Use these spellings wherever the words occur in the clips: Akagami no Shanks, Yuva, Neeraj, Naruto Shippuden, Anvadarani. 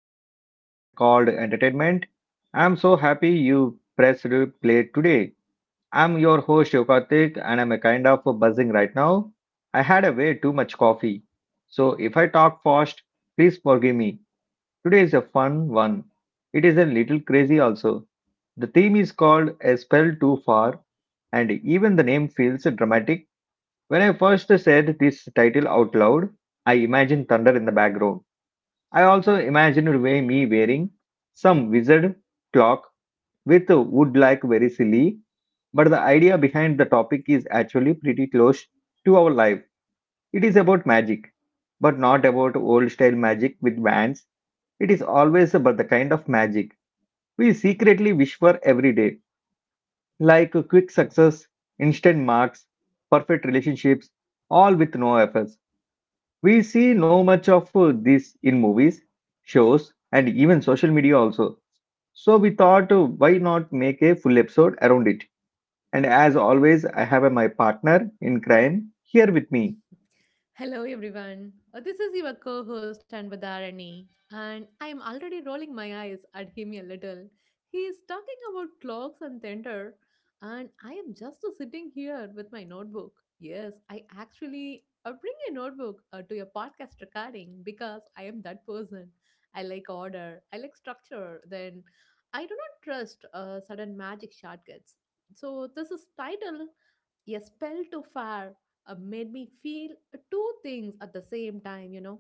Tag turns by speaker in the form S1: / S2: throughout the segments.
S1: our podcast called Entertainment. I'm so happy you pressed play today. I'm your host Yokatik and I'm a kind of buzzing right now. I had a way too much coffee. So if I talk fast, please forgive me. Today is a fun one. It is a little crazy also. The theme is called A Spell Too Far, and even the name feels dramatic. When I first said this title out loud, I imagined thunder in the background. I also imagined way me wearing some wizard clock with a wood like very silly, but the idea behind the topic is actually pretty close to our life. It is about magic, but not about old style magic with bands. It is always about the kind of magic we secretly wish for every day, like quick success, instant marks, perfect relationships, all with no effort. We see no much of this in movies, shows, and even social media also. So we thought, why not make a full episode around it? And as always, I have my partner in crime here with me.
S2: Hello, everyone. This is your co host Anvadarani, and I am already rolling my eyes at him a little. He is talking about clocks and thunder, and I am just sitting here with my notebook. Yes, I actually bring a notebook to your podcast recording because I am that person. I like order, I like structure, then I do not trust sudden magic shortcuts. So, this is title a spell to fire made me feel two things at the same time.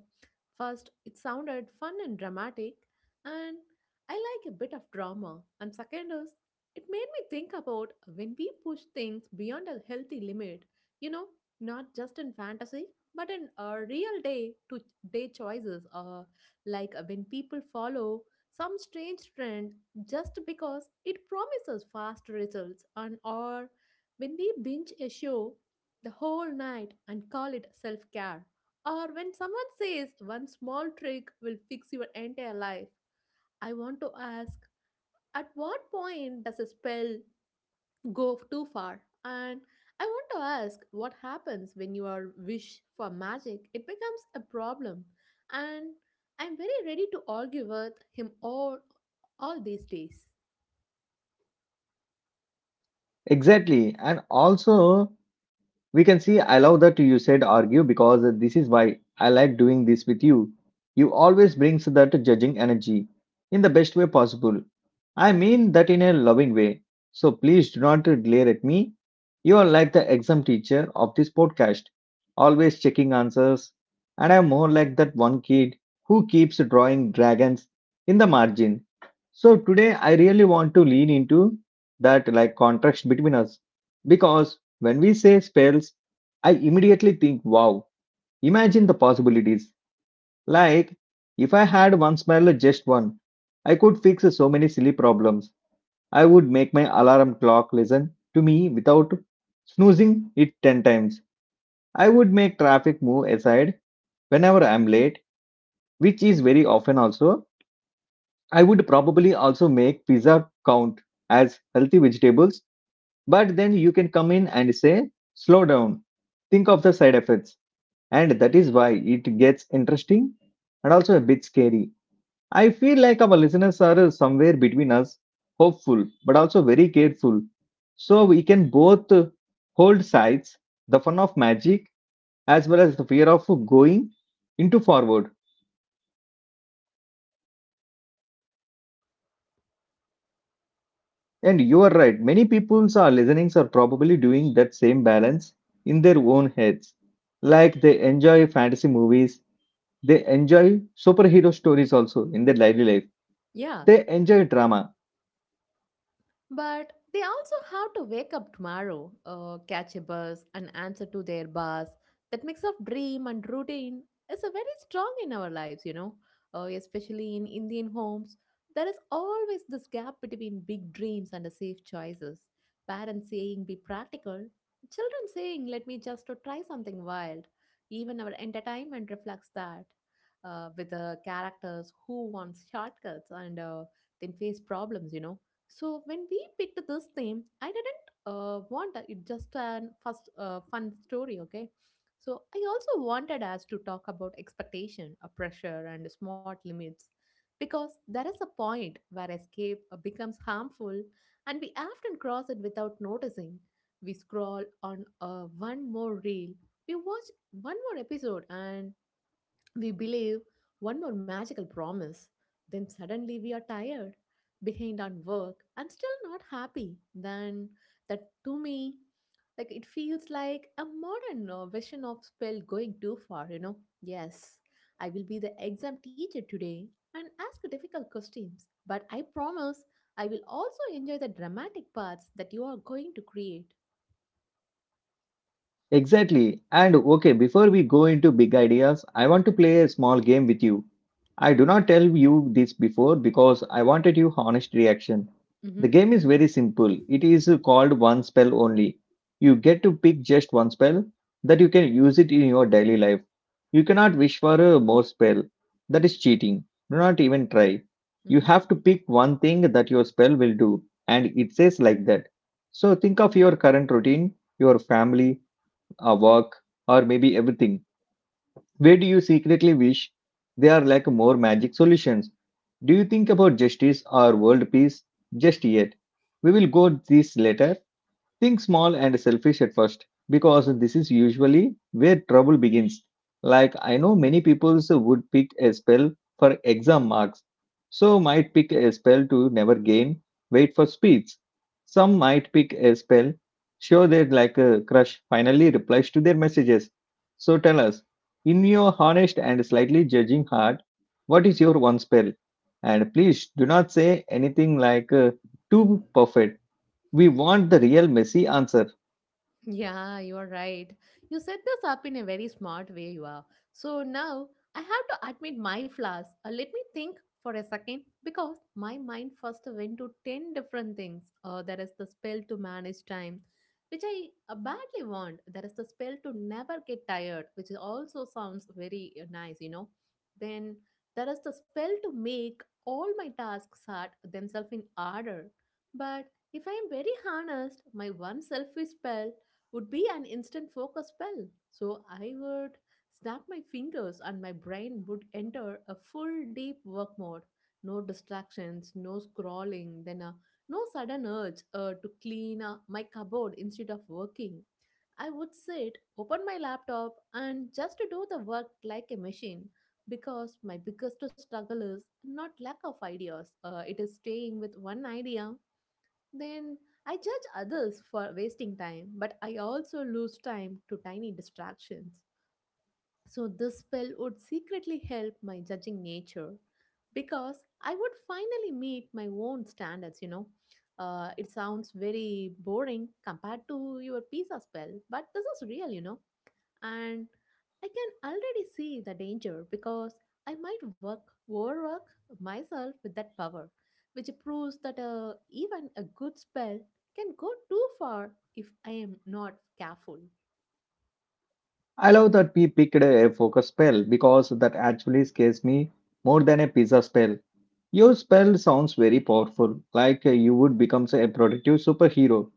S2: First, it sounded fun and dramatic, and I like a bit of drama. And second is, it made me think about when we push things beyond a healthy limit, you know, not just in fantasy, but in real day to day choices, like when people follow some strange trend just because it promises fast results and or when we binge a show the whole night and call it self care, or when someone says one small trick will fix your entire life, I want to ask at what point does a spell go too far? And I want to ask what happens when your wish for magic it becomes a problem and I'm very ready to argue with him all these days.
S1: Exactly. And also, we can see I love that you said argue because this is why I like doing this with you. You always brings that judging energy in the best way possible. I mean that in a loving way. So please do not glare at me. You are like the exam teacher of this podcast, always checking answers. And I am more like that one kid who keeps drawing dragons in the margin. So today I really want to lean into that like contrast between us. Because when we say spells, I immediately think, wow, imagine the possibilities. Like, if I had one spell, just one, I could fix so many silly problems. I would make my alarm clock listen to me without snoozing it 10 times. I would make traffic move aside whenever I'm late, which is very often also. I would probably also make pizza count as healthy vegetables, but then you can come in and say, slow down, think of the side effects. And that is why it gets interesting and also a bit scary. I feel like our listeners are somewhere between us, hopeful but also very careful, so we can both hold sides the fun of magic as well as the fear of going into forward. And you are right, many people's are listenings are probably doing that same balance in their own heads. Like they enjoy fantasy movies, they enjoy superhero stories also in their daily life,
S2: Yeah,
S1: they enjoy drama.
S2: but they also have to wake up tomorrow, catch a bus, and answer to their boss. That mix of dream and routine is a very strong in our lives, you know, especially in Indian homes. There is always this gap between big dreams and the safe choices. Parents saying be practical, children saying let me just to try something wild. Even our entertainment reflects that, with the characters who want shortcuts and then face problems, you know so when we picked this theme, I didn't want a- it just an first fun story, okay? So I also wanted us to talk about expectation, a pressure, and smart limits, because there is a point where escape becomes harmful, and we often cross it without noticing. We scroll on one more reel, we watch one more episode, and we believe one more magical promise, then suddenly we are tired, behind on work, and still not happy. Then, that to me, like it feels like a modern version of spell going too far, you know. Yes, I will be the exam teacher today and ask difficult questions, but I promise I will also enjoy the dramatic parts that you are going to create.
S1: Exactly. And okay, before we go into big ideas, I want to play a small game with you. I do not tell you this before because I wanted your honest reaction. The
S2: Mm-hmm.
S1: game is very simple. It is called one spell only. You get to pick just one spell that you can use it in your daily life. You cannot wish for a more spell. That is cheating. Do not even try.
S2: Mm-hmm.
S1: You have to pick one thing that your spell will do and it says like that. So think of your current routine, your family, our work, or maybe everything? Where do you secretly wish there are like more magic solutions? Do you think about justice or world peace just yet? We will go this later. Think small and selfish at first, because this is usually where trouble begins. Like, I know many people would pick a spell for exam marks, so might pick a spell to never gain weight for speeds. Some might pick a spell, show their like a crush finally replies to their messages. So tell us, in your honest and slightly judging heart, what is your one spell? And please do not say anything like too perfect. We want the real messy answer.
S2: Yeah, you are right. You set this up in a very smart way, you are. So now I have to admit my flaws. Let me think for a second because my mind first went to 10 different things. There is the spell to manage time, which I badly want. There is the spell to never get tired, which is also sounds very nice, you know. Then there is the spell to make all my tasks at themselves in order. But if I am very honest, my one selfish spell would be an instant focus spell. So I would snap my fingers and my brain would enter a full deep work mode. No distractions, no scrolling, then no sudden urge to clean my cupboard instead of working. I would sit, open my laptop, and just do the work like a machine because my biggest struggle is not lack of ideas, it is staying with one idea then I judge others for wasting time, but I also lose time to tiny distractions. So this spell would secretly help my judging nature because I would finally meet my own standards, you know. It sounds very boring compared to your pizza spell, but this is real, you know and I can already see the danger because I might work overwork myself with that power, which proves that even a good spell can go too far if I am not careful.
S1: I love that we picked a focus spell because that actually scares me more than a pizza spell. Your spell sounds very powerful, like you would become say, a productive superhero.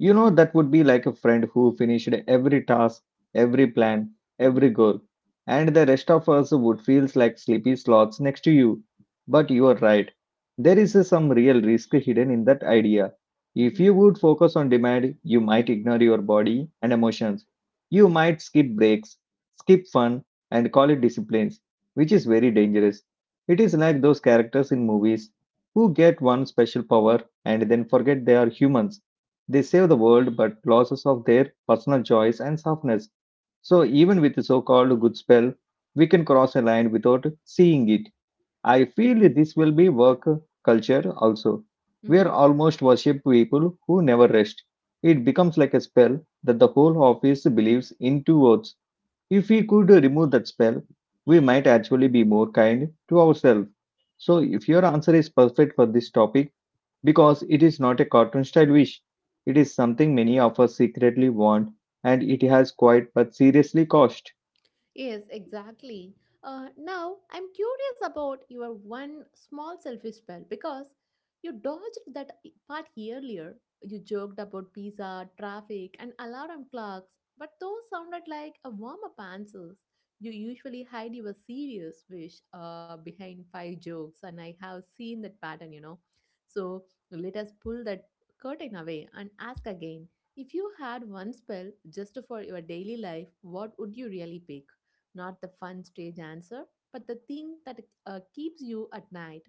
S1: You know, that would be like a friend who finished every task, every plan,
S2: Mm-hmm.
S1: every goal, and the rest of us would feel like sleepy sloths next to you. But you are right. There is some real risk hidden in that idea. If
S2: Mm-hmm.
S1: you would focus on demand, you might ignore your body and emotions. You might skip breaks, skip fun, and call it disciplines, which is very dangerous. It is like those characters in movies who get one special power and then forget they are humans. They save the world but losses of their personal joys and softness. So even with the so-called good spell, we can cross a line without seeing it. I feel this will be work culture also. We are
S2: Mm-hmm.
S1: almost worship people who never rest. It becomes like a spell that the whole office believes in towards. If we could remove that spell, we might actually be more kind to ourselves. So, if your answer is perfect for this topic, because it is not a cartoon style wish, it is something many of us secretly want and it has quite but seriously cost.
S2: Yes, exactly. Now, I'm curious about your one small selfish spell because you dodged that I- part earlier. You joked about pizza, traffic, and alarm clocks, but those sounded like a warm up answers. You usually hide your serious wish behind five jokes, and I have seen that pattern, you know. So, let us pull that curtain away and ask again if you had one spell just for your daily life, what would you really pick? Not the fun stage answer, but the thing that keeps you at night.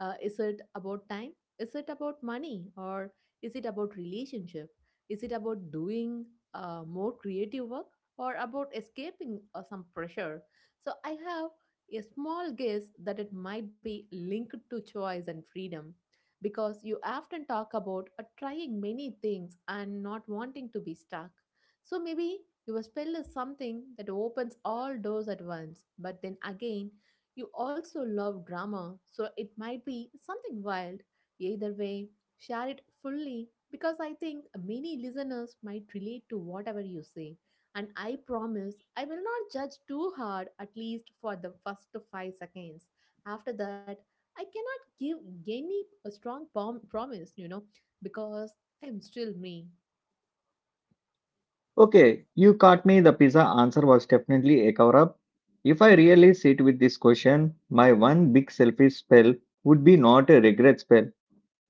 S2: Is it about time? Is it about money? Or is it about relationship? Is it about doing more creative work? Or about escaping some pressure? So I have a small guess that it might be linked to choice and freedom because you often talk about trying many things and not wanting to be stuck. So maybe your spell is something that opens all doors at once, but then again, you also love drama, so it might be something wild. Either way, share it fully because I think many listeners might relate to whatever you say. And I promise I will not judge too hard, at least for the first 5 seconds. After that, I cannot give any a strong promise, you know, because I'm still me.
S1: Okay, you caught me, the pizza answer was definitely a cover up. If I really sit with this question, my one big selfish spell would be not a regret spell.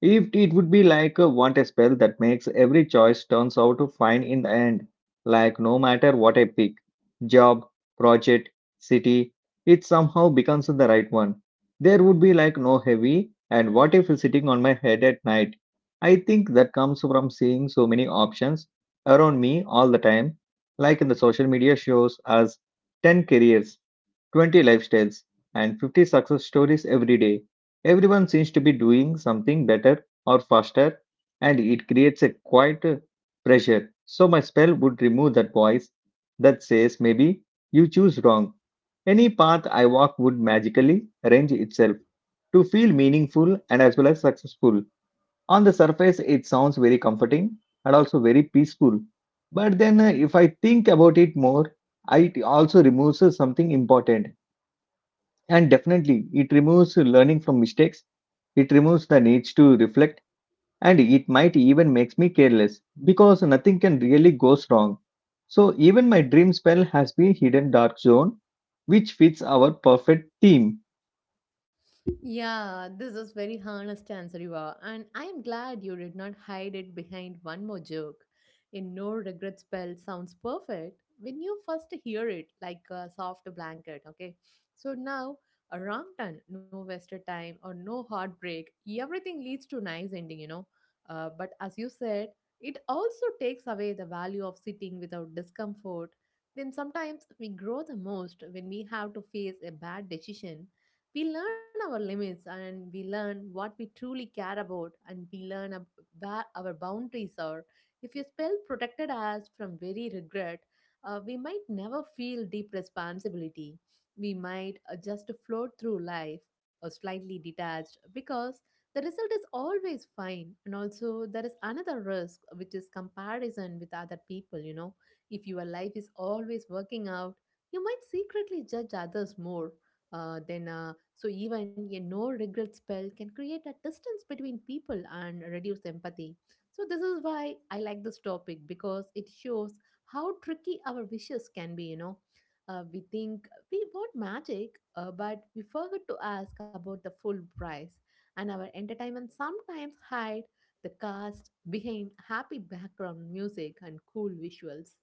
S1: If it would be like a want a spell that makes every choice turns out to fine in the end, like no matter what I pick, job, project, city, it somehow becomes the right one. There would be like no heavy and what if sitting on my head at night. I think that comes from seeing so many options around me all the time, like in the social media shows us 10 careers 20 lifestyles, and 50 success stories every day. Everyone seems to be doing something better or faster, and it creates a quiet pressure. So, my spell would remove that voice that says maybe you choose wrong. Any path I walk would magically arrange itself to feel meaningful and as well as successful. On the surface, it sounds very comforting and also very peaceful. But then, if I think about it more, it also removes something important and definitely, it removes learning from mistakes, it removes the needs to reflect, and it might even makes me careless because nothing can really go wrong. So even my dream spell has been hidden dark zone, which fits our perfect team.
S2: Yeah, this is very honest answer, Yuva, and I am glad you did not hide it behind one more joke. A no regret spell sounds perfect when you first hear it, like a soft blanket. Okay, so now a wrong turn, no wasted time, or no heartbreak. Everything leads to nice ending, you know. But as you said, it also takes away the value of sitting without discomfort. Then sometimes we grow the most when we have to face a bad decision we learn our limits and we learn what we truly care about and we learn where our boundaries are. If your spell protected us from very regret, we might never feel deep responsibility. We might just float through life or slightly detached because the result is always fine. And also, there is another risk, which is comparison with other people. You know, if your life is always working out, you might secretly judge others more so even a no regret spell can create a distance between people and reduce empathy. So, this is why I like this topic because it shows how tricky our wishes can be. You know, we think we want magic, but we forget to ask about the full price, and our entertainment sometimes hide the cast behind happy background music and cool visuals.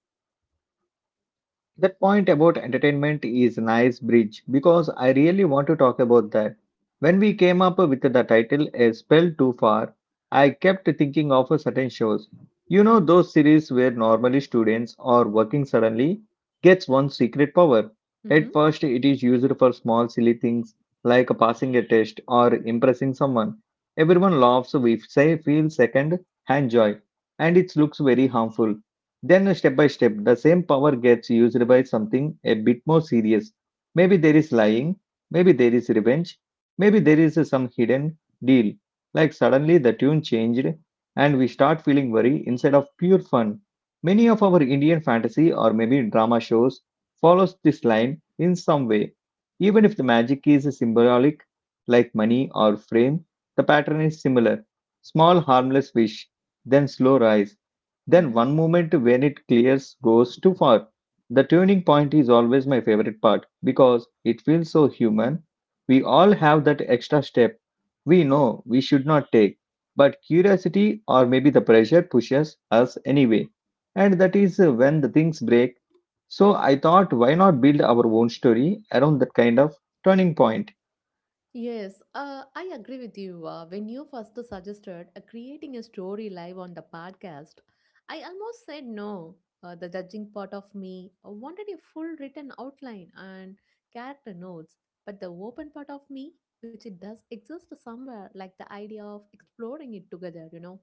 S1: That point about entertainment is a nice bridge because I really want to talk about that. When we came up with the title A Spell Too Far, I kept thinking of certain shows. You know those series where normally students or working suddenly gets one secret power.
S2: Mm-hmm.
S1: At first it is used for small silly things like passing a test or impressing someone. Everyone laughs we say feel second hand joy and it looks very harmful. Then, step by step, the same power gets used by something a bit more serious. Maybe there is lying, maybe there is revenge, maybe there is some hidden deal. Like suddenly the tune changed and we start feeling worry instead of pure fun. Many of our Indian fantasy or maybe drama shows follows this line in some way. Even if the magic is symbolic, like money or fame, the pattern is similar. Small harmless wish, then slow rise then
S2: Mm-hmm.
S1: one moment when it clears goes too far. The turning point is always my favorite part because it feels so human. We all have that extra step we know we should not take, but curiosity or maybe the pressure pushes us anyway. And that is when the things break. So I thought, why not build our own story around that kind of turning point?
S2: Yes, I agree with you. When you first suggested creating a story live on the podcast, I almost said no. The judging part of me wanted a full written outline and character notes, but the open part of me, which it does exist somewhere, like the idea of exploring it together, you know.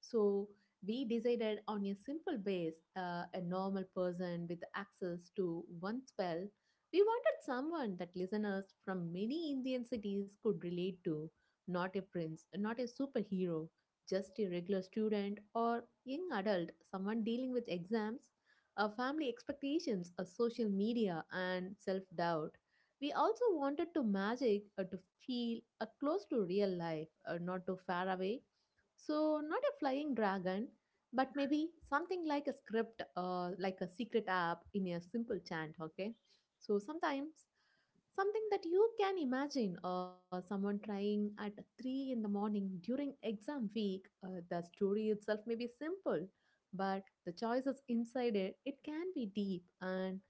S2: So we decided on a simple base, a normal person with access to one spell we wanted someone that listeners from many Indian cities could relate to, not a prince, not a superhero, just a regular student or young adult, someone dealing with exams, family expectations, social media, and self doubt. We also wanted to magic to feel close to real life, not too far away. So, not a flying dragon, but maybe something like a script or like a secret app in a simple chant, okay? So sometimes something that you can imagine someone trying at 3 in the morning during exam week, the story itself may be simple, but the choices inside it, it can be deep and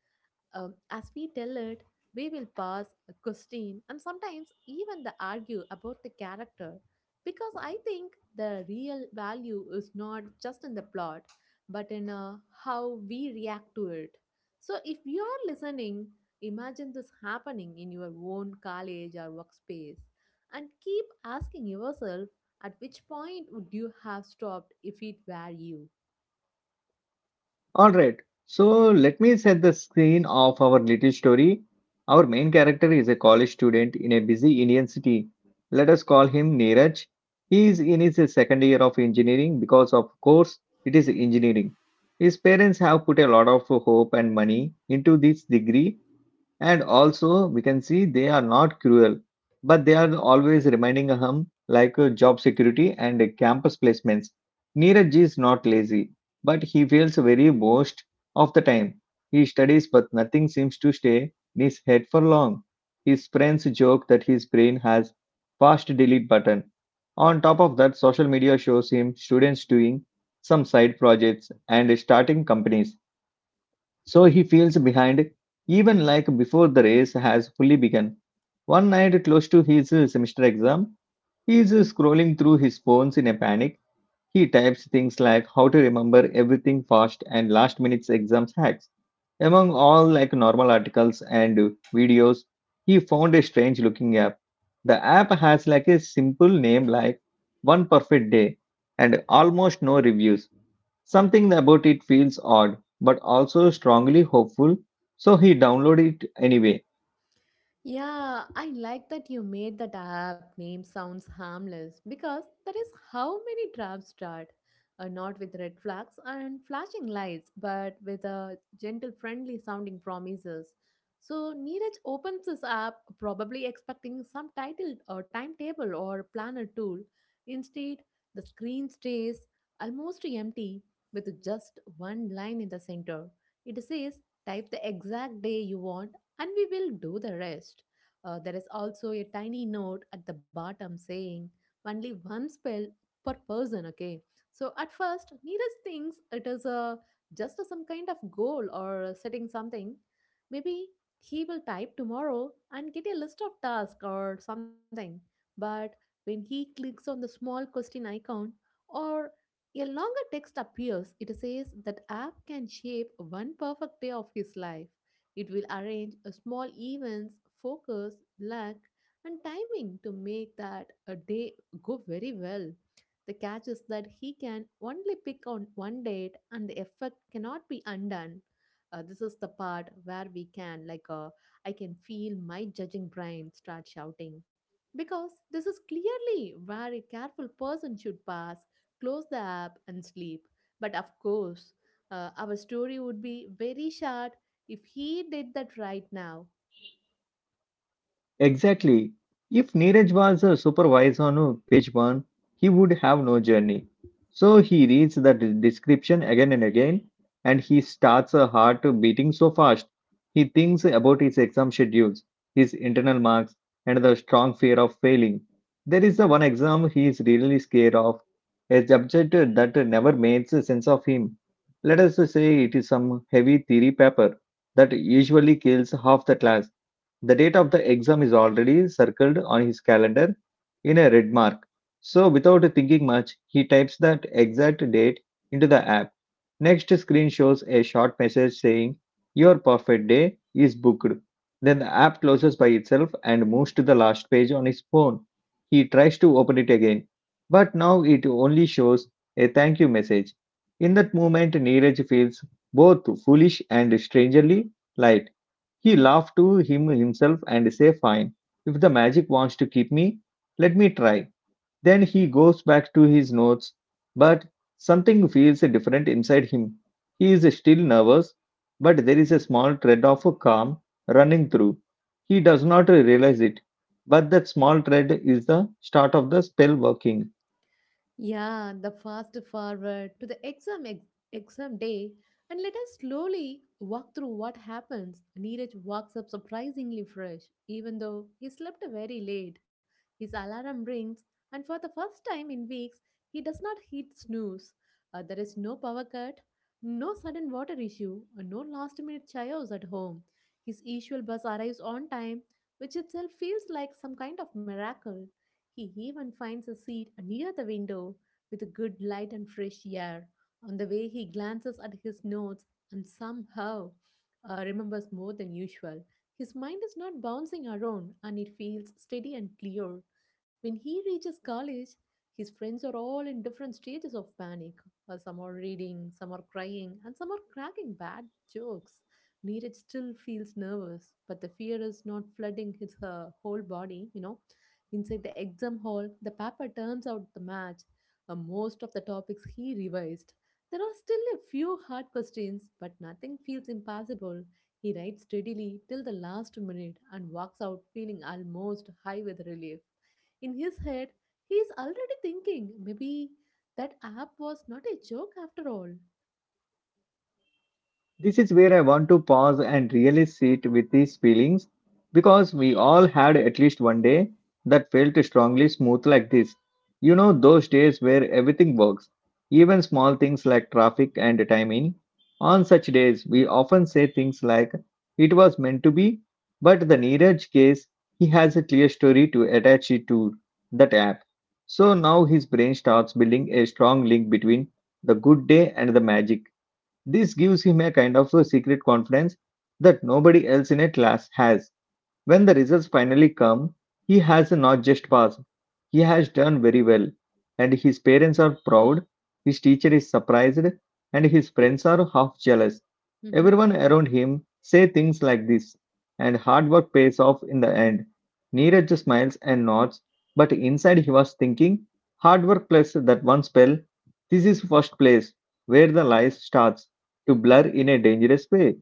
S2: as we tell it, we will pass, question, and sometimes even the argue about the character because I think the real value is not just in the plot but in how we react to it. So if you are listening, imagine this happening in your own college or workspace and keep asking yourself at which point would you have stopped if it were you?
S1: All right, so let me set the scene of our little story. Our main character is a college student in a busy Indian city. Let us call him Neeraj. He is in his second year of engineering because, of course, it is engineering. His parents have put a lot of hope and money into this degree, and also, we can see they are not cruel, but they are always reminding him like job security and campus placements. Neeraj Ji is not lazy, but he feels very most of the time. He studies, but nothing seems to stay in his head for long. His friends joke that his brain has fast delete button. On top of that, social media shows him students doing some side projects and starting companies so he feels behind, even like before the race has fully begun. One night, close to his semester exam, he is scrolling through his phones in a panic. He types things like how to remember everything fast and last minute's exams hacks. Among all like normal articles and videos, he found a strange looking app. The app has like a simple name like One Perfect Day and almost no reviews. Something about it feels odd, but also strongly hopeful, so he downloaded it anyway.
S2: Yeah, I like that you made that app name sounds harmless because that is how many traps start. Not with red flags and flashing lights, but with a gentle, friendly sounding promises. So Neeraj opens this app, probably expecting some title or timetable or planner tool. Instead, the screen stays almost empty with just one line in the center. It says, type the exact day you want and we will do the rest. There is also a tiny note at the bottom saying only one spell per person, okay? So at first, Neeraj thinks it is a some kind of goal or setting something. Maybe he will type tomorrow and get a list of tasks or something. But when he clicks on the small question icon or a longer text appears, it says that app can shape one perfect day of his life. It will arrange a small events, focus, luck, and timing to make that a day go very well. The catch is that he can only pick on one date and the effect cannot be undone. This is the part where we can, I can feel my judging brain start shouting. Because this is clearly where a careful person should pass, close the app, and sleep. But of course, our story would be very short if he did that right now,
S1: Exactly. If Neeraj was a supervisor on page one, he would have no journey. So he reads the description again and again, and he starts a heart beating so fast. He thinks about his exam schedules, his internal marks, and the strong fear of failing. There is the one exam he is really scared of, a subject that never makes sense of him. Let us say it is some heavy theory paper that usually kills half the class. The date of the exam is already circled on his calendar in a red mark. So, without thinking much, he types that exact date into the app. Next screen shows a short message saying, Your perfect day is booked. Then the app closes by itself and moves to the last page on his phone. He tries to open it again, but now it only shows a thank you message. In that moment, Neeraj feels both foolish and strangely light. He laughed to him himself and say fine, if the magic wants to keep me, let me try. Then he goes back to his notes, but something feels different inside him. He is still nervous, but there is a small thread of calm running through. He does not realize it, but that small thread is the start of the spell working.
S2: yeah, the fast forward to the exam day and let us slowly walk through what happens. Neeraj walks up surprisingly fresh, even though he slept very late. His alarm rings, and for the first time in weeks, he does not hit snooze. There is no power cut, no sudden water issue, and no last minute chaos at home. His usual bus arrives on time, which itself feels like some kind of miracle. He even finds a seat near the window with good light and fresh air. On the way, he glances at his notes and somehow remembers more than usual. His mind is not bouncing around and it feels steady and clear. When he reaches college, his friends are all in different stages of panic. Some are reading, some are crying, and some are cracking bad jokes. Neeraj still feels nervous, but the fear is not flooding his whole body, you know. Inside the exam hall, the papa turns out the match, most of the topics he revised. There are still a few hard questions, but nothing feels impossible. He writes steadily till the last minute and walks out feeling almost high with relief. In his head, he is already thinking maybe that app was not a joke after all.
S1: This is where I want to pause and really sit with these feelings because we all had at least one day that felt strongly smooth like this. You know, those days where everything works, even small things like traffic and timing. On such days, we often say things like, it was meant to be, but the Neeraj case, he has a clear story to attach it to that app. So now his brain starts building a strong link between the good day and the magic. This gives him a kind of a secret confidence that nobody else in a class has. When the results finally come, he has not just passed, he has done very well, and his parents are proud, his teacher is surprised, and his friends are half jealous.
S2: Mhm.
S1: Everyone around him say things like this, and hard work pays off in the end. Neeraj smiles and nods, but inside he was thinking, hard work plus that one spell, this is first place where the lies starts to blur in a dangerous way,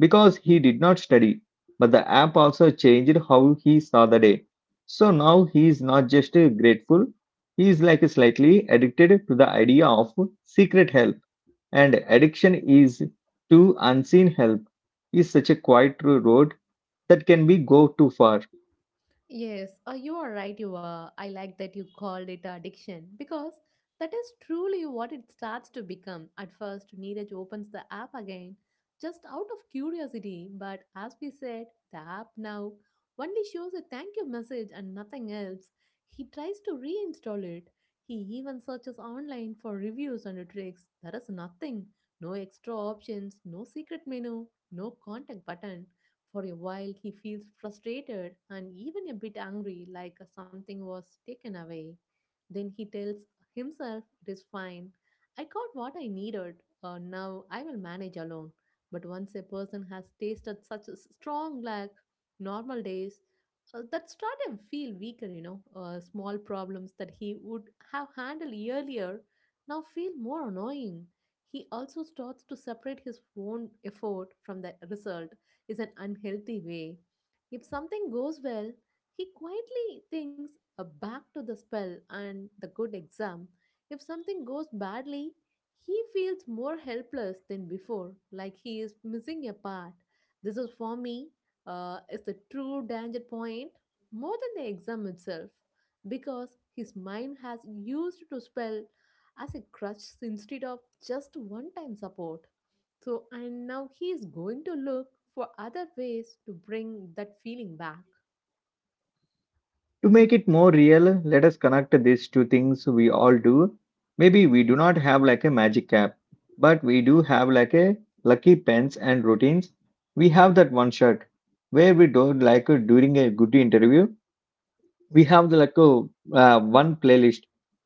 S1: because he did not study but the app also changed how he saw the day. So now he is not just grateful, he is like slightly addicted to the idea of secret help. And addiction is to unseen help is such a quiet road that can be go too far.
S2: Yes, you are right. You are. I like that you called it addiction because that is truly what it starts to become. At first, Neeraj opens the app again just out of curiosity, but as we said, the app now only shows a thank you message and nothing else. He tries to reinstall it. He even searches online for reviews and tricks. There is nothing. No extra options, no secret menu, no contact button. For a while, he feels frustrated and even a bit angry, like something was taken away. Then he tells himself it is fine. I got what I needed. Now I will manage alone. But once a person has tasted such a strong lack, normal days, that start to feel weaker, you know. Small problems that he would have handled earlier now feel more annoying. He also starts to separate his own effort from the result is an unhealthy way. If something goes well, he quietly thinks back to the spell and the good exam. If something goes badly, he feels more helpless than before, like he is missing a part. This is for me, is the true danger point more than the exam itself, because his mind has used to spell as a crutch instead of just one time support. So, and now he is going to look for other ways to bring that feeling back.
S1: To make it more real, let us connect these two things we all do. Maybe we do not have like a magic cap, but we do have like a lucky pens and routines. We have that one shot where we don't like during a good interview. We have the like one playlist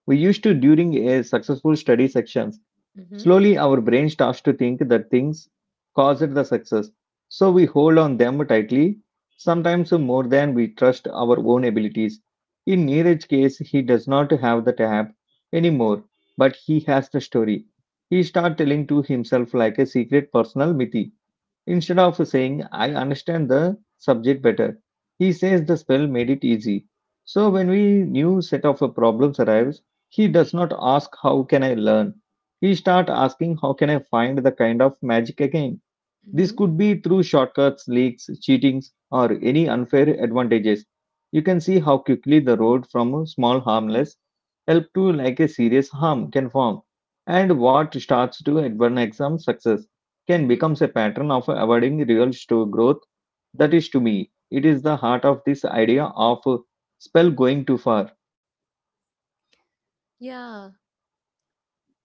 S1: we used to during a successful study section.
S2: Mm-hmm.
S1: Slowly, our brain starts to think that things caused the success, so we hold on them tightly, sometimes more than we trust our own abilities. In Neeraj's case, he does not have the tab anymore, but he has the story. He starts telling to himself like a secret personal myth. Instead of saying, I understand the subject better, he says the spell made it easy. So when we new set of problems arrives, he does not ask how can I learn. He start asking how can I find the kind of magic again. This
S2: Mm-hmm.
S1: could be through shortcuts, leaks, cheatings, or any unfair advantages. You can see how quickly the road from a small harmless help to like a serious harm can form, and what starts to advance exam success can
S2: Mm-hmm.
S1: becomes a pattern of avoiding real growth. That is to me, it is the heart of this idea of spell going too far.
S2: Yeah.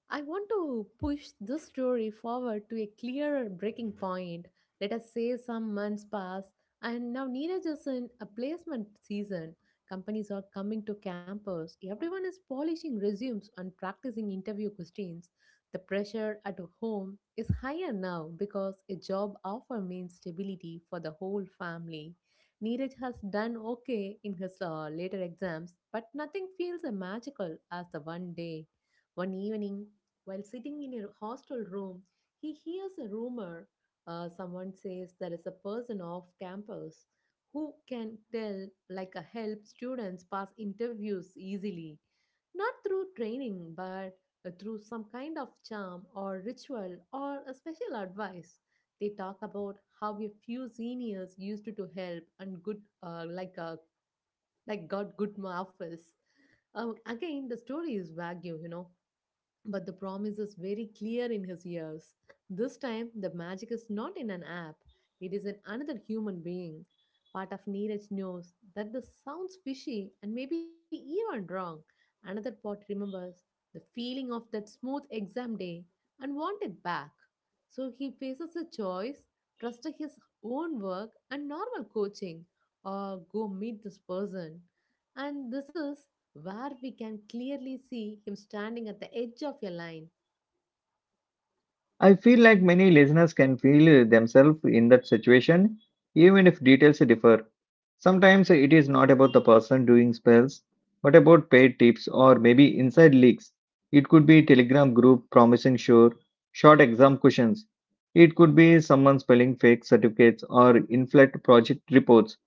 S2: I want to push this story forward to a clearer breaking point. Let us say some months pass, and now Neeraj is in a placement season. Companies are coming to campus. Everyone is polishing resumes and practicing interview questions. The pressure at home is higher now because a job offer means stability for the whole family. Neeraj has done okay in his later exams, but nothing feels as magical as the one day. One evening, while sitting in a hostel room, he hears a rumor. Someone says there is a person off campus who can tell, like a help students pass interviews easily, not through training, but through some kind of charm or ritual or a special advice. They talk about how a few seniors used to help and good, like a like got good offers. Again, the story is vague, you know, but the promise is very clear in his ears. This time, the magic is not in an app, it is in another human being. Part of Neeraj knows that this sounds fishy and maybe even wrong. Another part remembers the feeling of that smooth exam day and wants it back. So he faces a choice trust to his own work and normal coaching, or go meet this person. And this is where we can clearly see him standing at the edge of a line.
S1: I feel like many listeners can feel themselves in that situation, even if details differ. Sometimes it is not about the person doing spells, but about paid tips or maybe inside leaks. It could be Telegram group promising sure short exam questions. It could be someone spelling fake certificates or inflate project reports.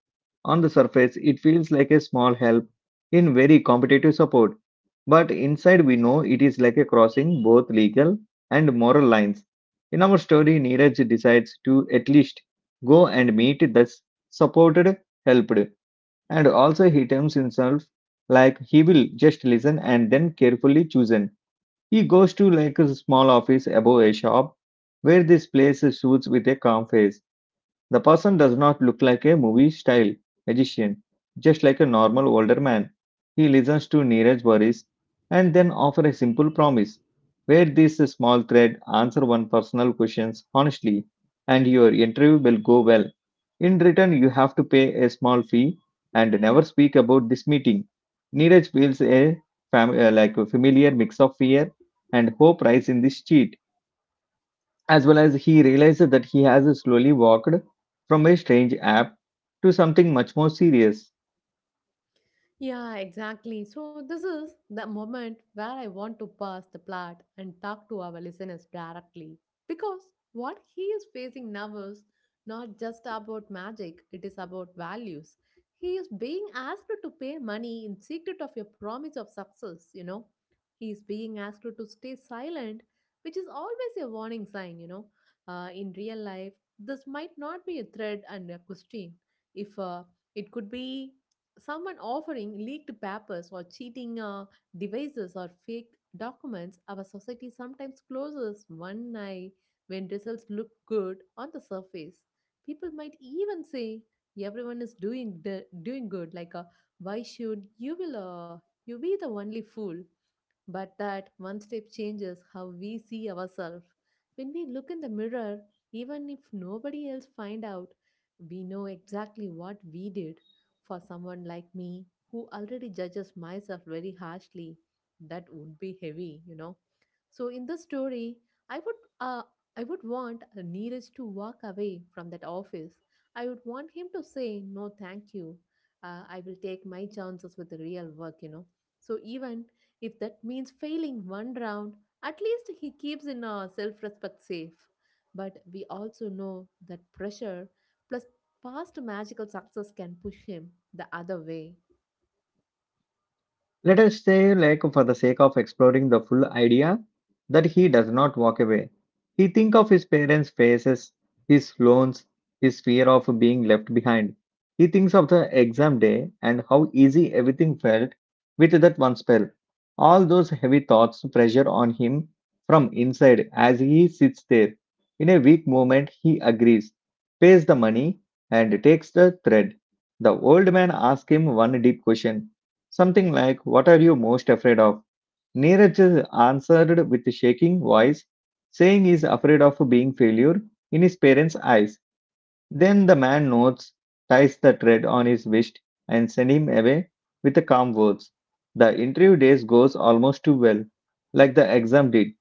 S1: On the surface, it feels like a small help in very competitive support, but inside we know it is like a crossing both legal and moral lines. In our story, Neeraj decides to at least go and meet the supported, helped, and also he terms himself like he will just listen and then carefully choose. He goes to like a small office above a shop where this plays suits with a calm face. The person does not look like a movie style magician, just like a normal older man. He listens to Neeraj worries and then offers a simple promise where this small thread answer one personal questions honestly and your interview will go well. In return, you have to pay a small fee and never speak about this meeting. Neeraj feels a like a familiar mix of fear and hope rise in this cheat, as well as he realizes that he has slowly walked from a strange app to something much more serious.
S2: Yeah, exactly. So, this is the moment where I want to pass the plot and talk to our listeners directly. Because what he is facing now is not just about magic, it is about values. He is being asked to pay money in secret of a promise of success, you know. He is being asked to stay silent, which is always a warning sign, you know. In real life, this might not be a threat and a question. If It could be someone offering leaked papers or cheating devices or fake documents, our society sometimes closes one eye when results look good on the surface. People might even say everyone is doing the, doing good, why should you be the only fool? But that one step changes how we see ourselves. When we look in the mirror, even if nobody else find out, we know exactly what we did. For someone like me, who already judges myself very harshly, that would be heavy, you know. So in the story, I would uh, I would want Neeraj to walk away from that office. I would want him to say no, thank you. I will take my chances with the real work, you know. So even if that means failing one round, at least he keeps in our self respect safe. But we also know that pressure plus past magical success can push him the other way.
S1: Let us say, like, for the sake of exploring the full idea, that he does not walk away. He think of his parents' faces, his loans, his fear of being left behind. He thinks of the exam day and how easy everything felt with that one spell. All those heavy thoughts pressure on him from inside as he sits there. In a weak moment, he agrees, pays the money, and takes the thread. The old man asks him one deep question. Something like, what are you most afraid of? Neeraj answered with a shaking voice, saying he's afraid of being failure in his parents' eyes. Then the man nods, ties the thread on his wrist, and sends him away with the calm words. The interview days goes almost too well, like the exam did.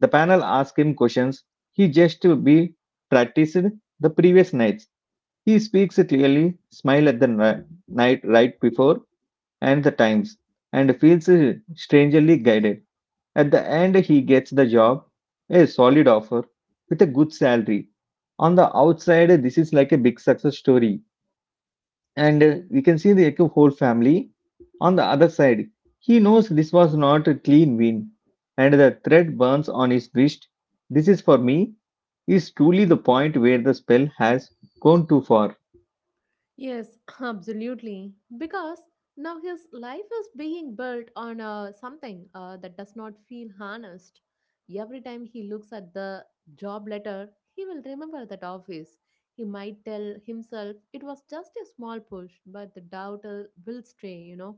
S1: The panel asks him questions he just to be practiced the previous nights. He speaks clearly, smile at the night right before and the times and feels strangely guided. At the end, he gets the job, a solid offer with a good salary. On the outside, this is like a big success story, and we can see the like, whole family. On the other side, he knows this was not a clean win, and the thread burns on his wrist. This is for me is truly the point where the spell has gone too far.
S2: Yes, absolutely. Because now his life is being built on something that does not feel honest. Every time he looks at the job letter, he will remember that office. He might tell himself it was just a small push, but the doubt will stay, you know.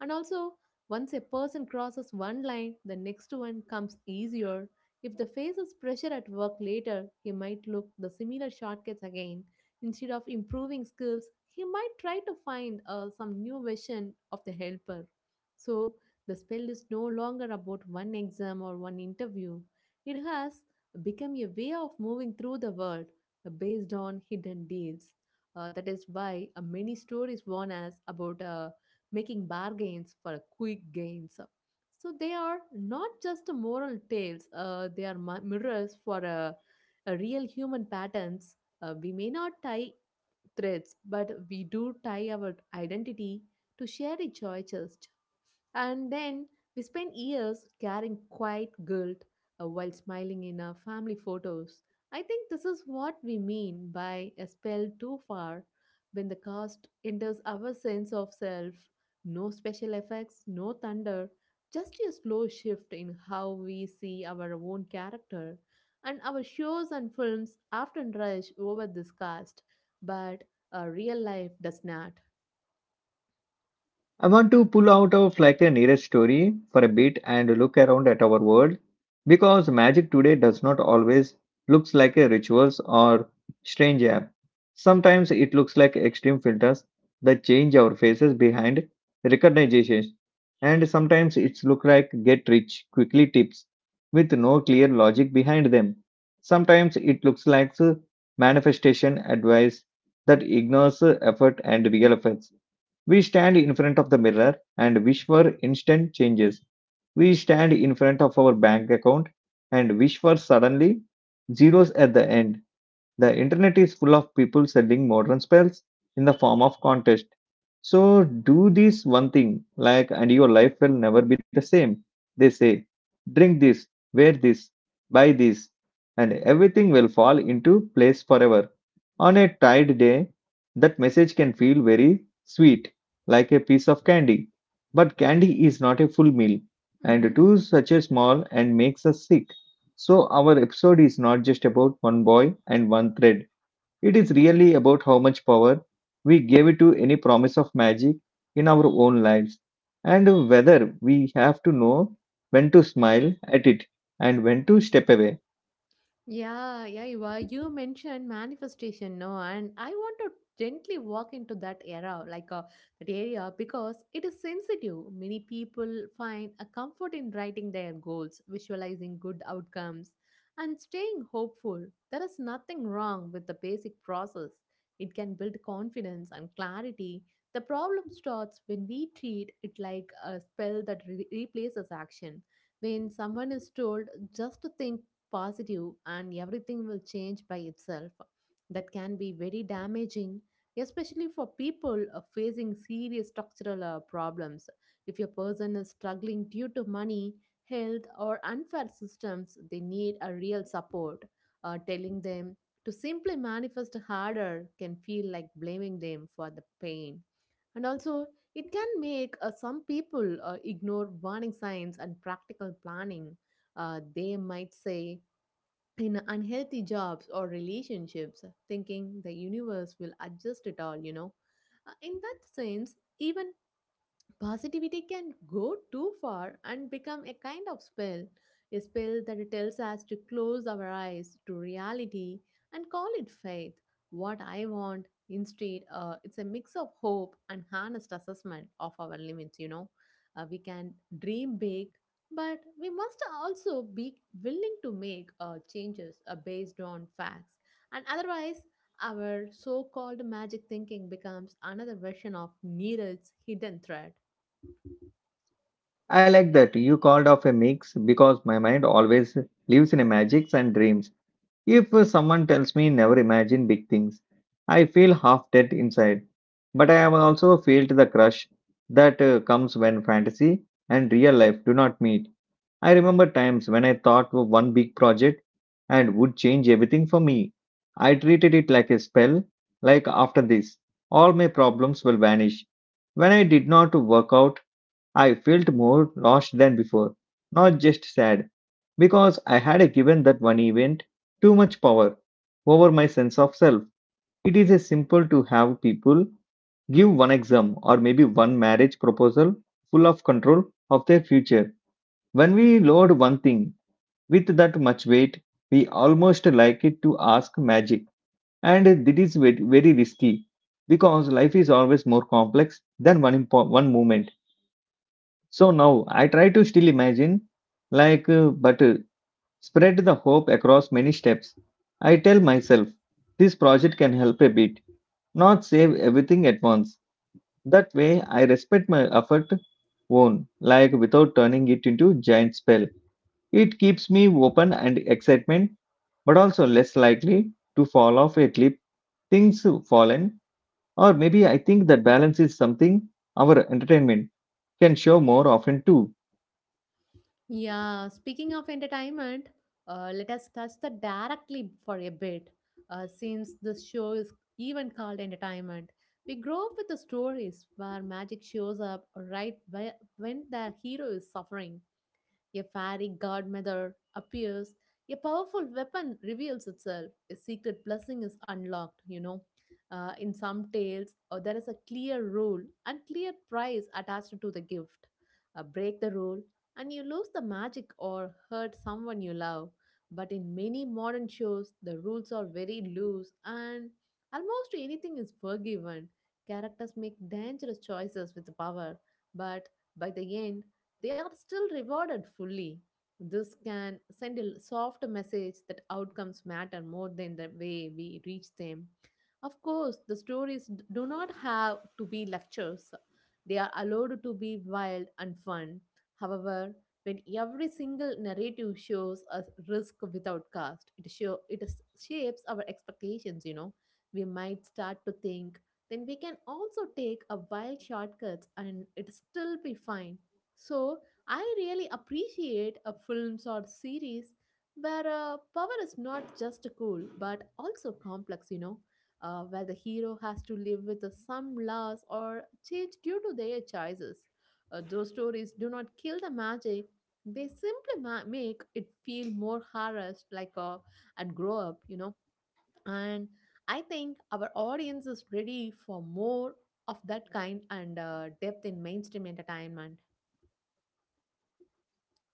S2: And also, once a person crosses one line, the next one comes easier. If the faces pressure at work later, he might look the similar shortcuts again. Instead of improving skills, he might try to find some new version of the helper. So the spell is no longer about one exam or one interview. It has become a way of moving through the world based on hidden deals. That is why many stories warn us about making bargains for quick gains. So, they are not just moral tales, they are mirrors for real human patterns. We may not tie threads, but we do tie our identity to shared choices. And then we spend years carrying quiet guilt while smiling in our family photos. I think this is what we mean by a spell too far when the cast enters our sense of self. No special effects, no thunder, just a slow shift in how we see our own character. And our shows and films often rush over this cast, but real life does not.
S1: I want to pull out of like a nearest story for a bit and look around at our world, because magic today does not always looks like a rituals or strange app. Sometimes it looks like extreme filters that change our faces behind recognition, and sometimes it's look like get rich quickly tips with no clear logic behind them. Sometimes it looks like manifestation advice that ignores effort and real effects. We stand in front of the mirror and wish for instant changes. We stand in front of our bank account and wish for suddenly zeros at the end. The internet is full of people selling modern spells in the form of contest. So do this one thing, like, and your life will never be the same. They say, drink this, wear this, buy this, and everything will fall into place forever. On a tired day, that message can feel very sweet, like a piece of candy. But candy is not a full meal,
S2: Mm-hmm.
S1: and too such a small and makes us sick. So, our episode is not just about one boy and one thread. It is really about how much power we gave it to any promise of magic in our own lives, and whether we have to know when to smile at it and when to step away.
S2: Yeah, yeah, you are. You mentioned manifestation, no, and I want to gently walk into that era, that area, because it is sensitive. Many people find a comfort in writing their goals, visualizing good outcomes, and staying hopeful. There is nothing wrong with the basic process. It can build confidence and clarity. The problem starts when we treat it like a spell that replaces action. When someone is told just to think positive and everything will change by itself. That can be very damaging, especially for people facing serious structural problems. If your person is struggling due to money, health, or unfair systems, they need a real support. Telling them to simply manifest harder can feel like blaming them for the pain. And also, it can make some people ignore warning signs and practical planning. They might say, in unhealthy jobs or relationships, thinking the universe will adjust it all, you know. In that sense, even Positivity can go too far and become a kind of spell, a spell that tells us to close our eyes to reality and call it faith. What I want instead, it's a mix of hope and honest assessment of our limits. We can dream big, but we must also be willing to make changes based on facts, and otherwise. Our so called magic thinking becomes another version of Neeraj's hidden threat.
S1: I like that you called off a mix because my mind always lives in a magics and dreams. If someone tells me never imagine big things, I feel half dead inside. But I have also felt the crush that comes when fantasy and real life do not meet. I remember times when I thought of one big project and would change everything for me. I treated it like a spell, like after this, all my problems will vanish. When I did not work out, I felt more lost than before, not just sad, because I had given that one event too much power over my sense of self. It is a simple to have people give one exam or maybe one marriage proposal full of control of their future. When we load one thing with that much weight, we almost like it to ask magic. And it is very risky because life is always more complex than one moment. So now I try to still imagine, like, but spread the hope across many steps. I tell myself, this project can help a bit, not save everything at once. That way, I respect my effort own, like without turning it into giant spell. It keeps me open and excitement, but also less likely to fall off a cliff. Things fallen, or maybe I think that balance is something our entertainment can show more often too.
S2: Yeah, speaking of entertainment, let us touch that directly for a bit. Since this show is even called entertainment, we grow up with the stories where magic shows up right when the hero is suffering. A fairy godmother appears, a powerful weapon reveals itself, a secret blessing is unlocked. In some tales, there is a clear rule and clear price attached to the gift. Break the rule, and you lose the magic or hurt someone you love. But in many modern shows, the rules are very loose and almost anything is forgiven. Characters make dangerous choices with power, but by the end, they are still rewarded fully. This can send a soft message that outcomes matter more than the way we reach them. Of course, the stories do not have to be lectures; they are allowed to be wild and fun. However, when every single narrative shows us risk without cost, it, show, it is- shapes our expectations. We might start to think, then we can also take a wild shortcuts and it still be fine, so I really appreciate a films or series where power is not just cool but also complex, where the hero has to live with some loss or change due to their choices. Those stories do not kill the magic; they simply make it feel more harassed, like and grow up. And I think our audience is ready for more of that kind and depth in mainstream entertainment.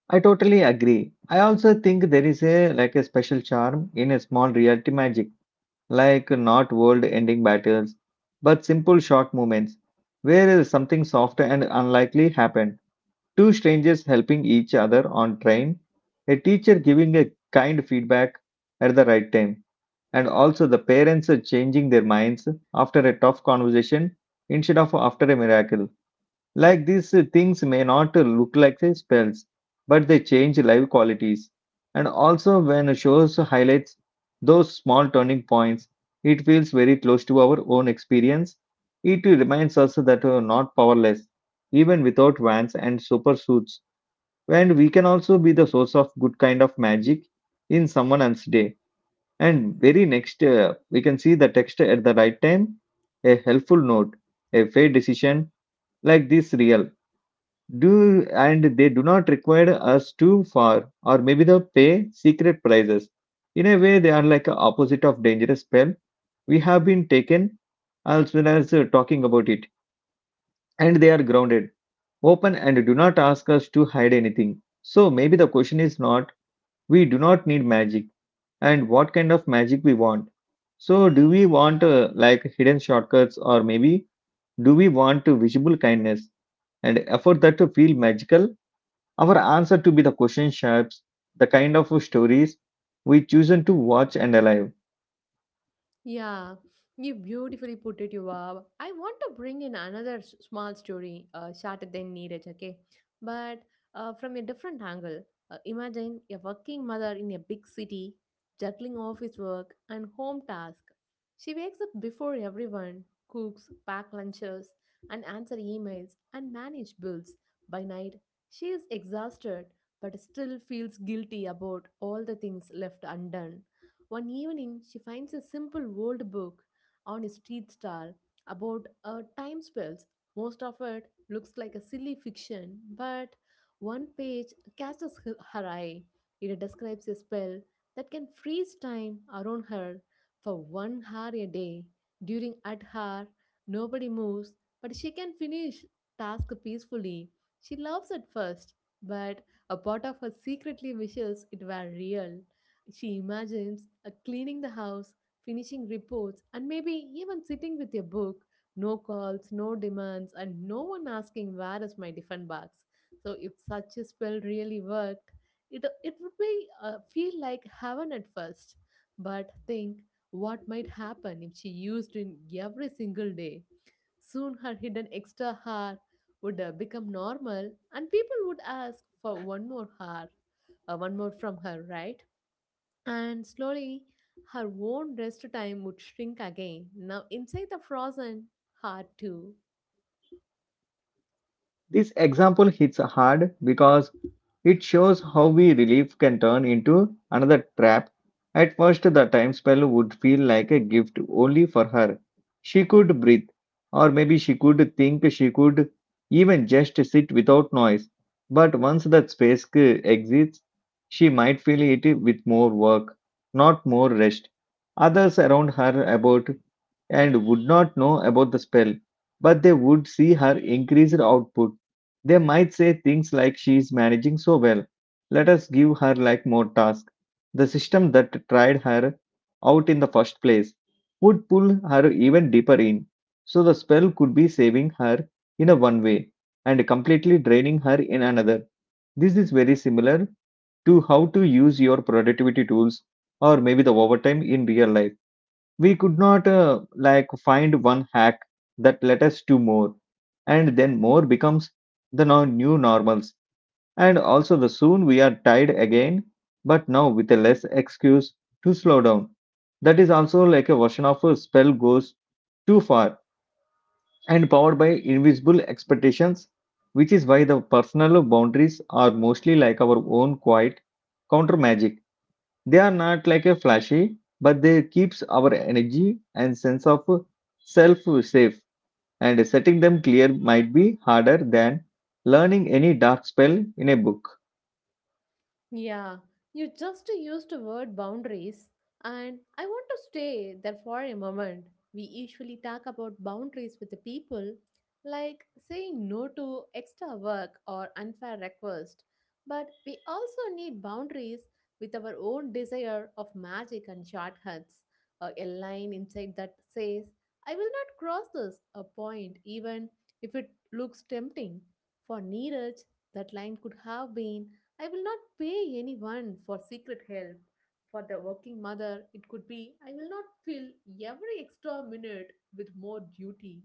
S1: I totally agree. I also think there is a special charm in a small reality magic, like not world-ending battles, but simple short moments where something soft and unlikely happened. Two strangers helping each other on train, a teacher giving a kind feedback at the right time, and also the parents changing their minds after a tough conversation instead of after a miracle. Like these things may not look like spells, but they change live qualities. And also, when shows highlights those small turning points, it feels very close to our own experience. It reminds us that we're not powerless, even without vans and super suits. And we can also be the source of good kind of magic in someone else's day. And very next, we can see the text at the right time, a helpful note, a fair decision like this real do and they do not require us to for or maybe they pay secret prices in a way they are like a opposite of dangerous spell we have been taken as well as talking about it and they are grounded open and do not ask us to hide anything so maybe the question is not we do not need magic and what kind of magic we want so do we want like hidden shortcuts or maybe do we want to visible kindness and effort that to feel magical our answer to be the question shapes the kind of stories we chosen to watch and alive.
S2: Yeah, you beautifully put it, Yuvab. I want to bring in another small story, shorter than Neeraj, okay? But from a different angle. Imagine a working mother in a big city, juggling office work and home tasks. She wakes up before everyone, cooks, pack lunches, and answer emails and manage bills. By night, she is exhausted but still feels guilty about all the things left undone one evening. She finds a simple old book on a street stall about time spells. Most of it looks like a silly fiction, but one page catches her eye. It describes a spell that can freeze time around her for 1 hour a day. During that hour, nobody moves, but she can finish task peacefully. She loves it first, but a part of her secretly wishes it were real. She imagines cleaning the house, finishing reports, and maybe even sitting with a book. No calls, no demands, and no one asking where is my different box. So if such a spell really worked, it would be feel like heaven at first. But think what might happen if she used it every single day. Soon her hidden extra hour would become normal, and people would ask for one more hour, one more from her, right? And slowly, her own rest time would shrink again, now inside the frozen heart, too.
S1: This example hits hard because it shows how we relief can turn into another trap. At first, the time spell would feel like a gift only for her. She could breathe, or maybe she could think, she could even just sit without noise. But once that space exists, she might fill it with more work, not more rest. Others around her about and would not know about the spell, but they would see her increased output they might say things like she's managing so well. Let us give her like more tasks. The system that tried her out in the first place would pull her even deeper in. So the spell could be saving her in a one way and completely draining her in another. This is very similar to how to use your productivity tools or maybe the overtime in real life we could not like find one hack that led us to more and then more becomes the new normals and also the soon we are tied again but now with a less excuse to slow down that is also like a version of a spell goes too far and powered by invisible expectations which is why the personal boundaries are mostly like our own quiet counter magic they are not like a flashy, but they keeps our energy and sense of self safe. And setting them clear might be harder than learning any dark spell in a book.
S2: Yeah, you just used the word boundaries, and I want to stay there for a moment. We usually talk about boundaries with the people, like saying no to extra work or unfair request, but we also need boundaries with our own desire of magic and shortcuts, or a line inside that says, I will not cross this a point, even if it looks tempting. For Neeraj, that line could have been I will not pay anyone for secret help. For the working mother, it could be I will not fill every extra minute with more duty.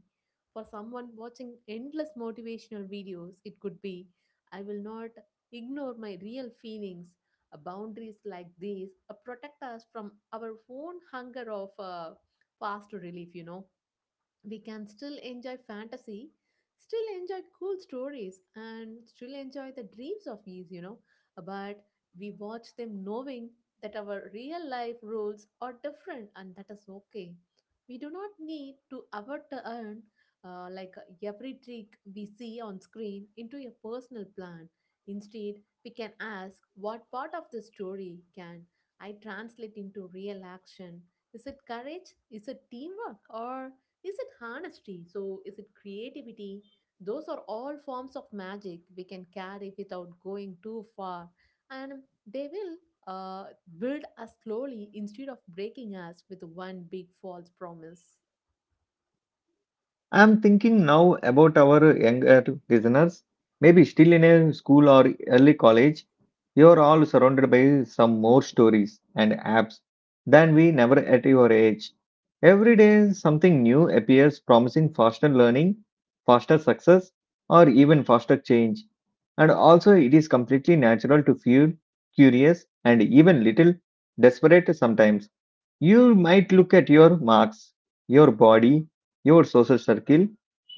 S2: For someone watching endless motivational videos, it could be I will not ignore my real feelings. Boundaries like these protect us from our own hunger of fast relief. We can still enjoy fantasy, still enjoy cool stories, and still enjoy the dreams of these. But we watch them knowing that our real life rules are different, and that is okay. We do not need to avert to earn like every trick we see on screen into a personal plan. Instead, we can ask what part of the story can I translate into real action? Is it courage? Is it teamwork? Or is it honesty? So, is it creativity? Those are all forms of magic we can carry without going too far, and they will uh, build us slowly instead of breaking us with one big false promise.
S1: I'm thinking now about our younger listeners, maybe still in a school or early college. You're all surrounded by some more stories and apps than we never at your age. Every day, something new appears promising faster learning, faster success, or even faster change. And also, it is completely natural to feel curious and even little desperate sometimes. You might look at your marks, your body, your social circle,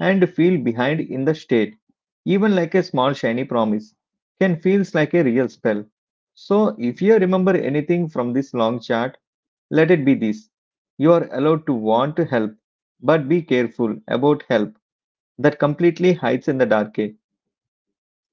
S1: and feel behind in the state. Even like a small shiny promise can feels like a real spell. So if you remember anything from this long chart, let it be this. You are allowed to want to help, but be careful about help that completely hides in the dark. Eh?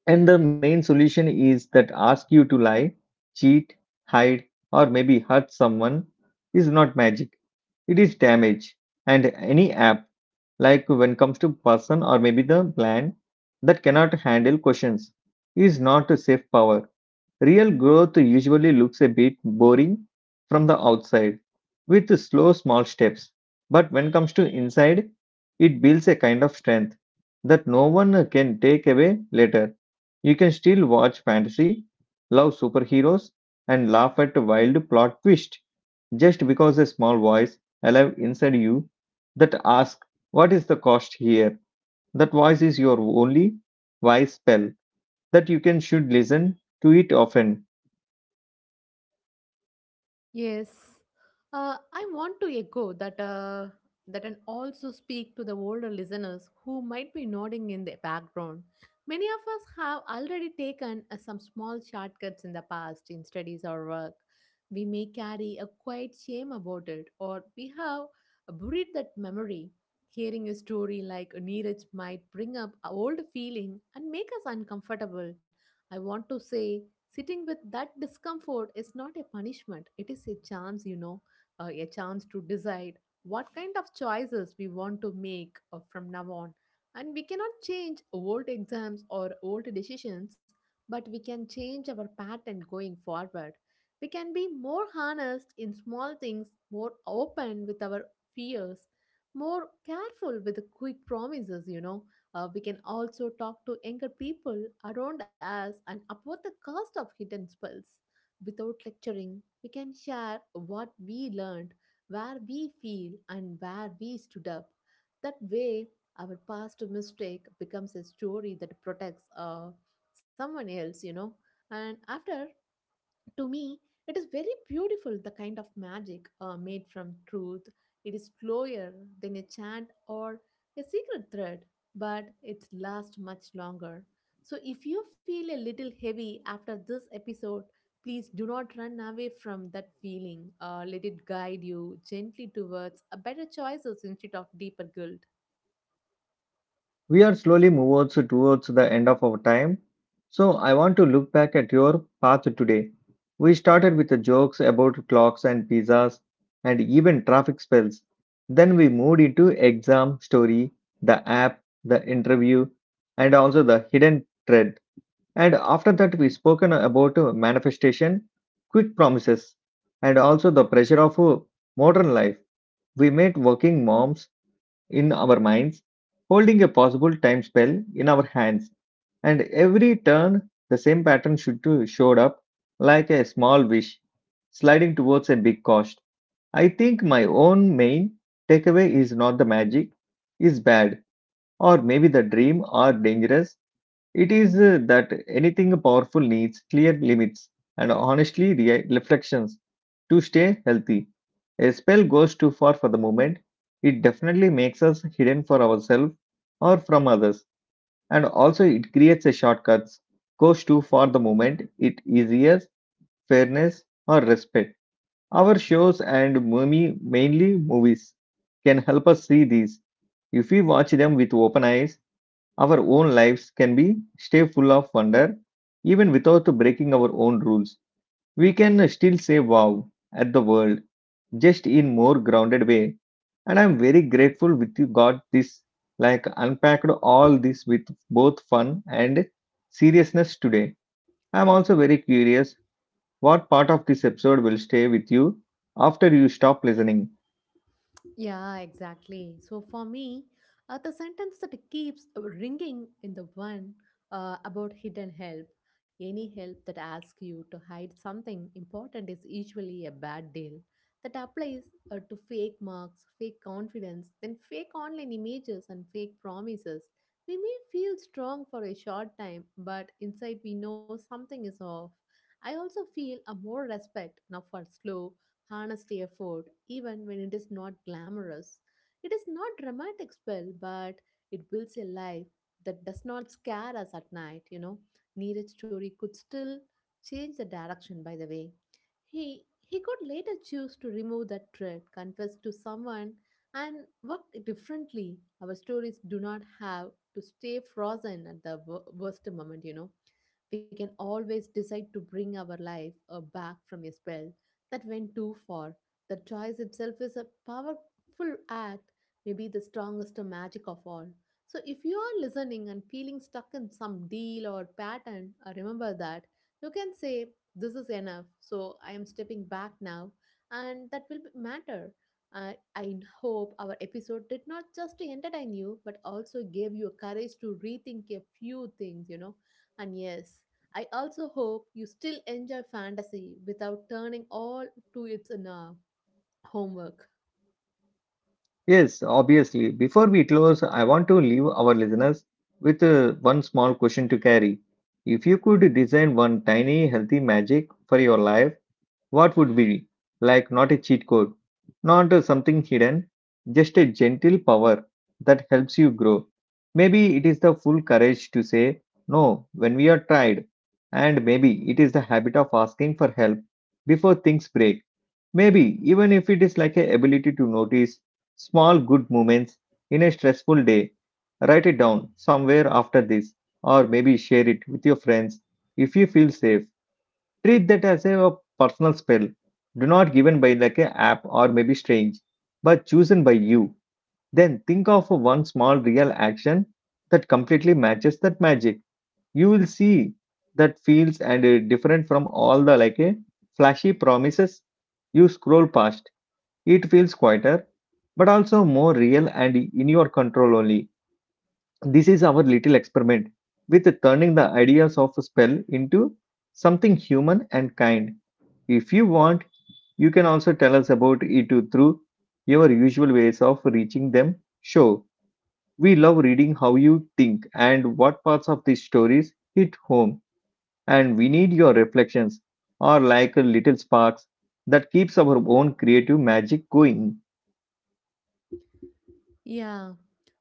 S1: And the main solution is that ask you to lie, cheat, hide, or maybe hurt someone is not magic. It is damage, and any app, like when comes to person or maybe the plan that cannot handle questions, is not a safe power. Real growth usually looks a bit boring from the outside, with slow small steps. But when comes to inside, it builds a kind of strength that no one can take away later. You can still watch fantasy, love superheroes, and laugh at wild plot twists just because a small voice alive inside you that asks, what is the cost here? That voice is your only wise spell that you can should listen to it often.
S2: Yes, I want to echo that and also speak to the older listeners who might be nodding in the background. Many of us have already taken some small shortcuts in the past in studies or work. We may carry a quiet shame about it, or we have buried that memory. Hearing a story like Neeraj might bring up a old feeling and make us uncomfortable. I want to say sitting with that discomfort is not a punishment, it is a chance, you know, a chance to decide what kind of choices we want to make from now on. And we cannot change old exams or old decisions, but we can change our pattern going forward. We can be more honest in small things, more open with our fears, more careful with the quick promises. Uh, we can also talk to younger people around us and about the cost of hidden spells. Without lecturing, we can share what we learned, where we feel, and where we stood up. That way, our past mistake becomes a story that protects someone else. And after to me, it is very beautiful the kind of magic made from truth. It is slower than a chant or a secret thread, but it lasts much longer. So if you feel a little heavy after this episode, please do not run away from that feeling. Let it guide you gently towards a better choices instead of deeper guilt.
S1: We are slowly moving towards the end of our time. So I want to look back at your path today. We started with the jokes about clocks and pizzas and even traffic spells. Then we moved into exam story, the app, the interview, and also the hidden thread. And after that, we spoken about manifestation, quit promises, and also the pressure of modern life. We made working moms in our minds, holding a possible time spell in our hands. And every turn, the same pattern should to showed up like a small wish, sliding towards a big cost. I think my own main takeaway is not the magic is bad, or maybe the dream are dangerous. It is that anything powerful needs clear limits and honestly reflections to stay healthy. A spell goes too far for the moment. It definitely makes us hidden for ourselves or from others, and also it creates a shortcuts. Goes too far the moment it is yes, fairness or respect. Our shows and movie, mainly movies, can help us see these. If we watch them with open eyes, our own lives can be stay full of wonder even without breaking our own rules. We can still say wow at the world just in more grounded way and I'm very grateful with you got this like unpacked all this with both fun and seriousness today. I'm
S2: Mm-hmm.
S1: also very curious what part of this episode will stay with you after you stop listening.
S2: Yeah, exactly. So for me, the sentence that keeps ringing in the one about hidden help, any help that asks you to hide something important is usually a bad deal. That applies to fake marks, fake confidence, then fake online images and fake promises. We may feel strong for a short time, but inside we know something is off. I also feel a more respect now for slow honesty effort, even when it is not glamorous. It is not dramatic spell, but it builds a life that does not scare us at night. Neeraj's story could still change the direction by the way. He could later choose to remove that threat, confess to someone, and work differently. Our stories do not have to stay frozen at the worst moment. We can always decide to bring our life back from a spell that went too far. The choice itself is a powerful act, maybe the strongest magic of all. So, if you are listening and feeling stuck in some deal or pattern, remember that you can say, this is enough, so I am stepping back now, and that will matter. I I hope our episode did not just to entertain you, but also gave you courage to rethink a few things, you know. And yes, I also hope you still enjoy fantasy without turning all to its homework.
S1: Yes, obviously. Before we close, I want to leave our listeners with one small question to carry. If you could design one tiny healthy magic for your life, what would be? Like not a cheat code, not something hidden, just a gentle power that helps you grow. Maybe it is the full courage to say no when we are tired, and maybe it is the habit of asking for help before things break. Maybe even if it is like a ability to notice small good moments in a stressful day, write it down somewhere after this, or maybe share it with your friends if you feel safe. Treat that as a personal spell, do not given by like a app or maybe strange, but chosen by you. Then think of one small real action that completely matches that magic. You will see that feels and different from all the like a flashy promises you scroll past it feels quieter, but also more real and in your control only. This is our little experiment with turning the ideas of a spell into something human and kind. If you want, you can also tell us about it through your usual ways of reaching them. Show. We love reading how you think and what parts of these stories hit home, and we need your reflections, or like little sparks that keeps our own creative magic going.
S2: Yeah.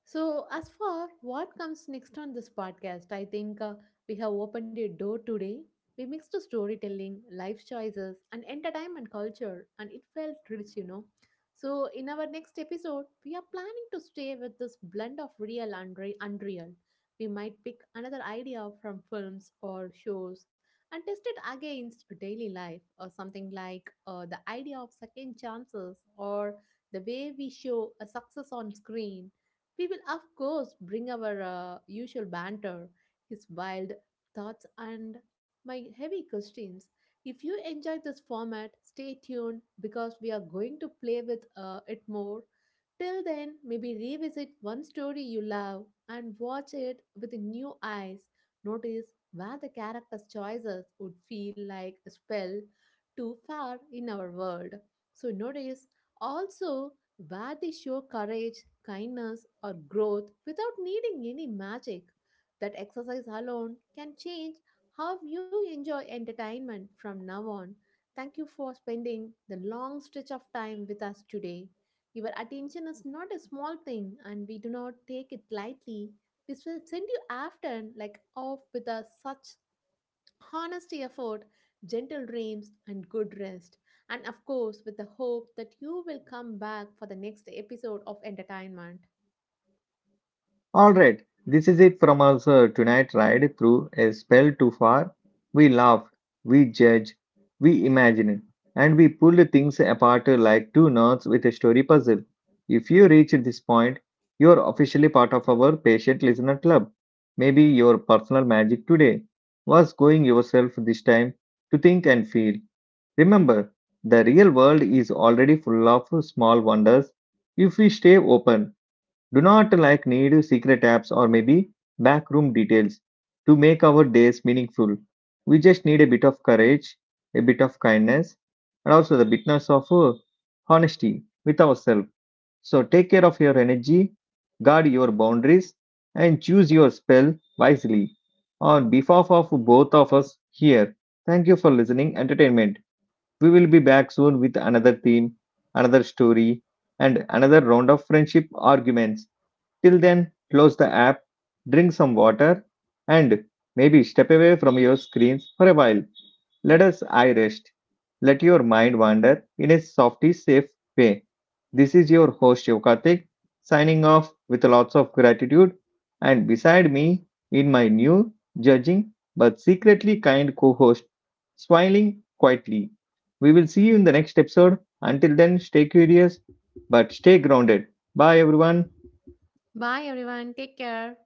S2: So, as for what comes next on this podcast, I think we have opened a door today. We mixed storytelling, life choices, and entertainment culture, and it felt rich, you know. So, in our next episode, we are planning to stay with this blend of real and unreal. We might pick another idea from films or shows and test it against daily life, or something like the idea of second chances or the way we show a success on screen. We will, of course, bring our usual banter, his wild thoughts, and my heavy questions. If you enjoy this format, stay tuned because we are going to play with it more. Till then, maybe revisit one story you love and watch it with new eyes. Notice where the character's choices would feel like a spell too far in our world. So notice also, where they show courage, kindness, or growth without needing any magic. That exercise alone can change how you enjoy entertainment from now on. Thank you for spending the long stretch of time with us today. Your attention is not a small thing, and we do not take it lightly. This will send you after like off with a such honesty effort, gentle dreams, and good rest. And of course, with the hope that you will come back for the next episode of entertainment.
S1: All right, this is it from us tonight. Ride through a spell too far. We laughed, we judged, we imagined, and we pulled things apart like two knots with a story puzzle. If you reach this point, you are officially part of our patient listener club. Maybe your personal magic today was going yourself this time to think and feel. Remember, the real world is already full of small wonders if we stay open do not like need secret apps or maybe backroom details to make our days meaningful. We just need a bit of courage, a bit of kindness, and also the bitness of honesty with ourselves. So take care of your energy, guard your boundaries, and choose your spell wisely. On behalf of both of us here, thank you for listening. Entertainment. We will be back soon with another theme, another story, and another round of friendship arguments. Till then, close the app, drink some water, and maybe step away from your screens for a while. Let us eye rest. Let your mind wander in a softy, safe way. This is your host Yokatik signing off with lots of gratitude. And beside me, in my new, judging but secretly kind co host, smiling quietly. We will see you in the next episode. Until then, stay curious but stay grounded. Bye, everyone.
S2: Bye, everyone. Take care.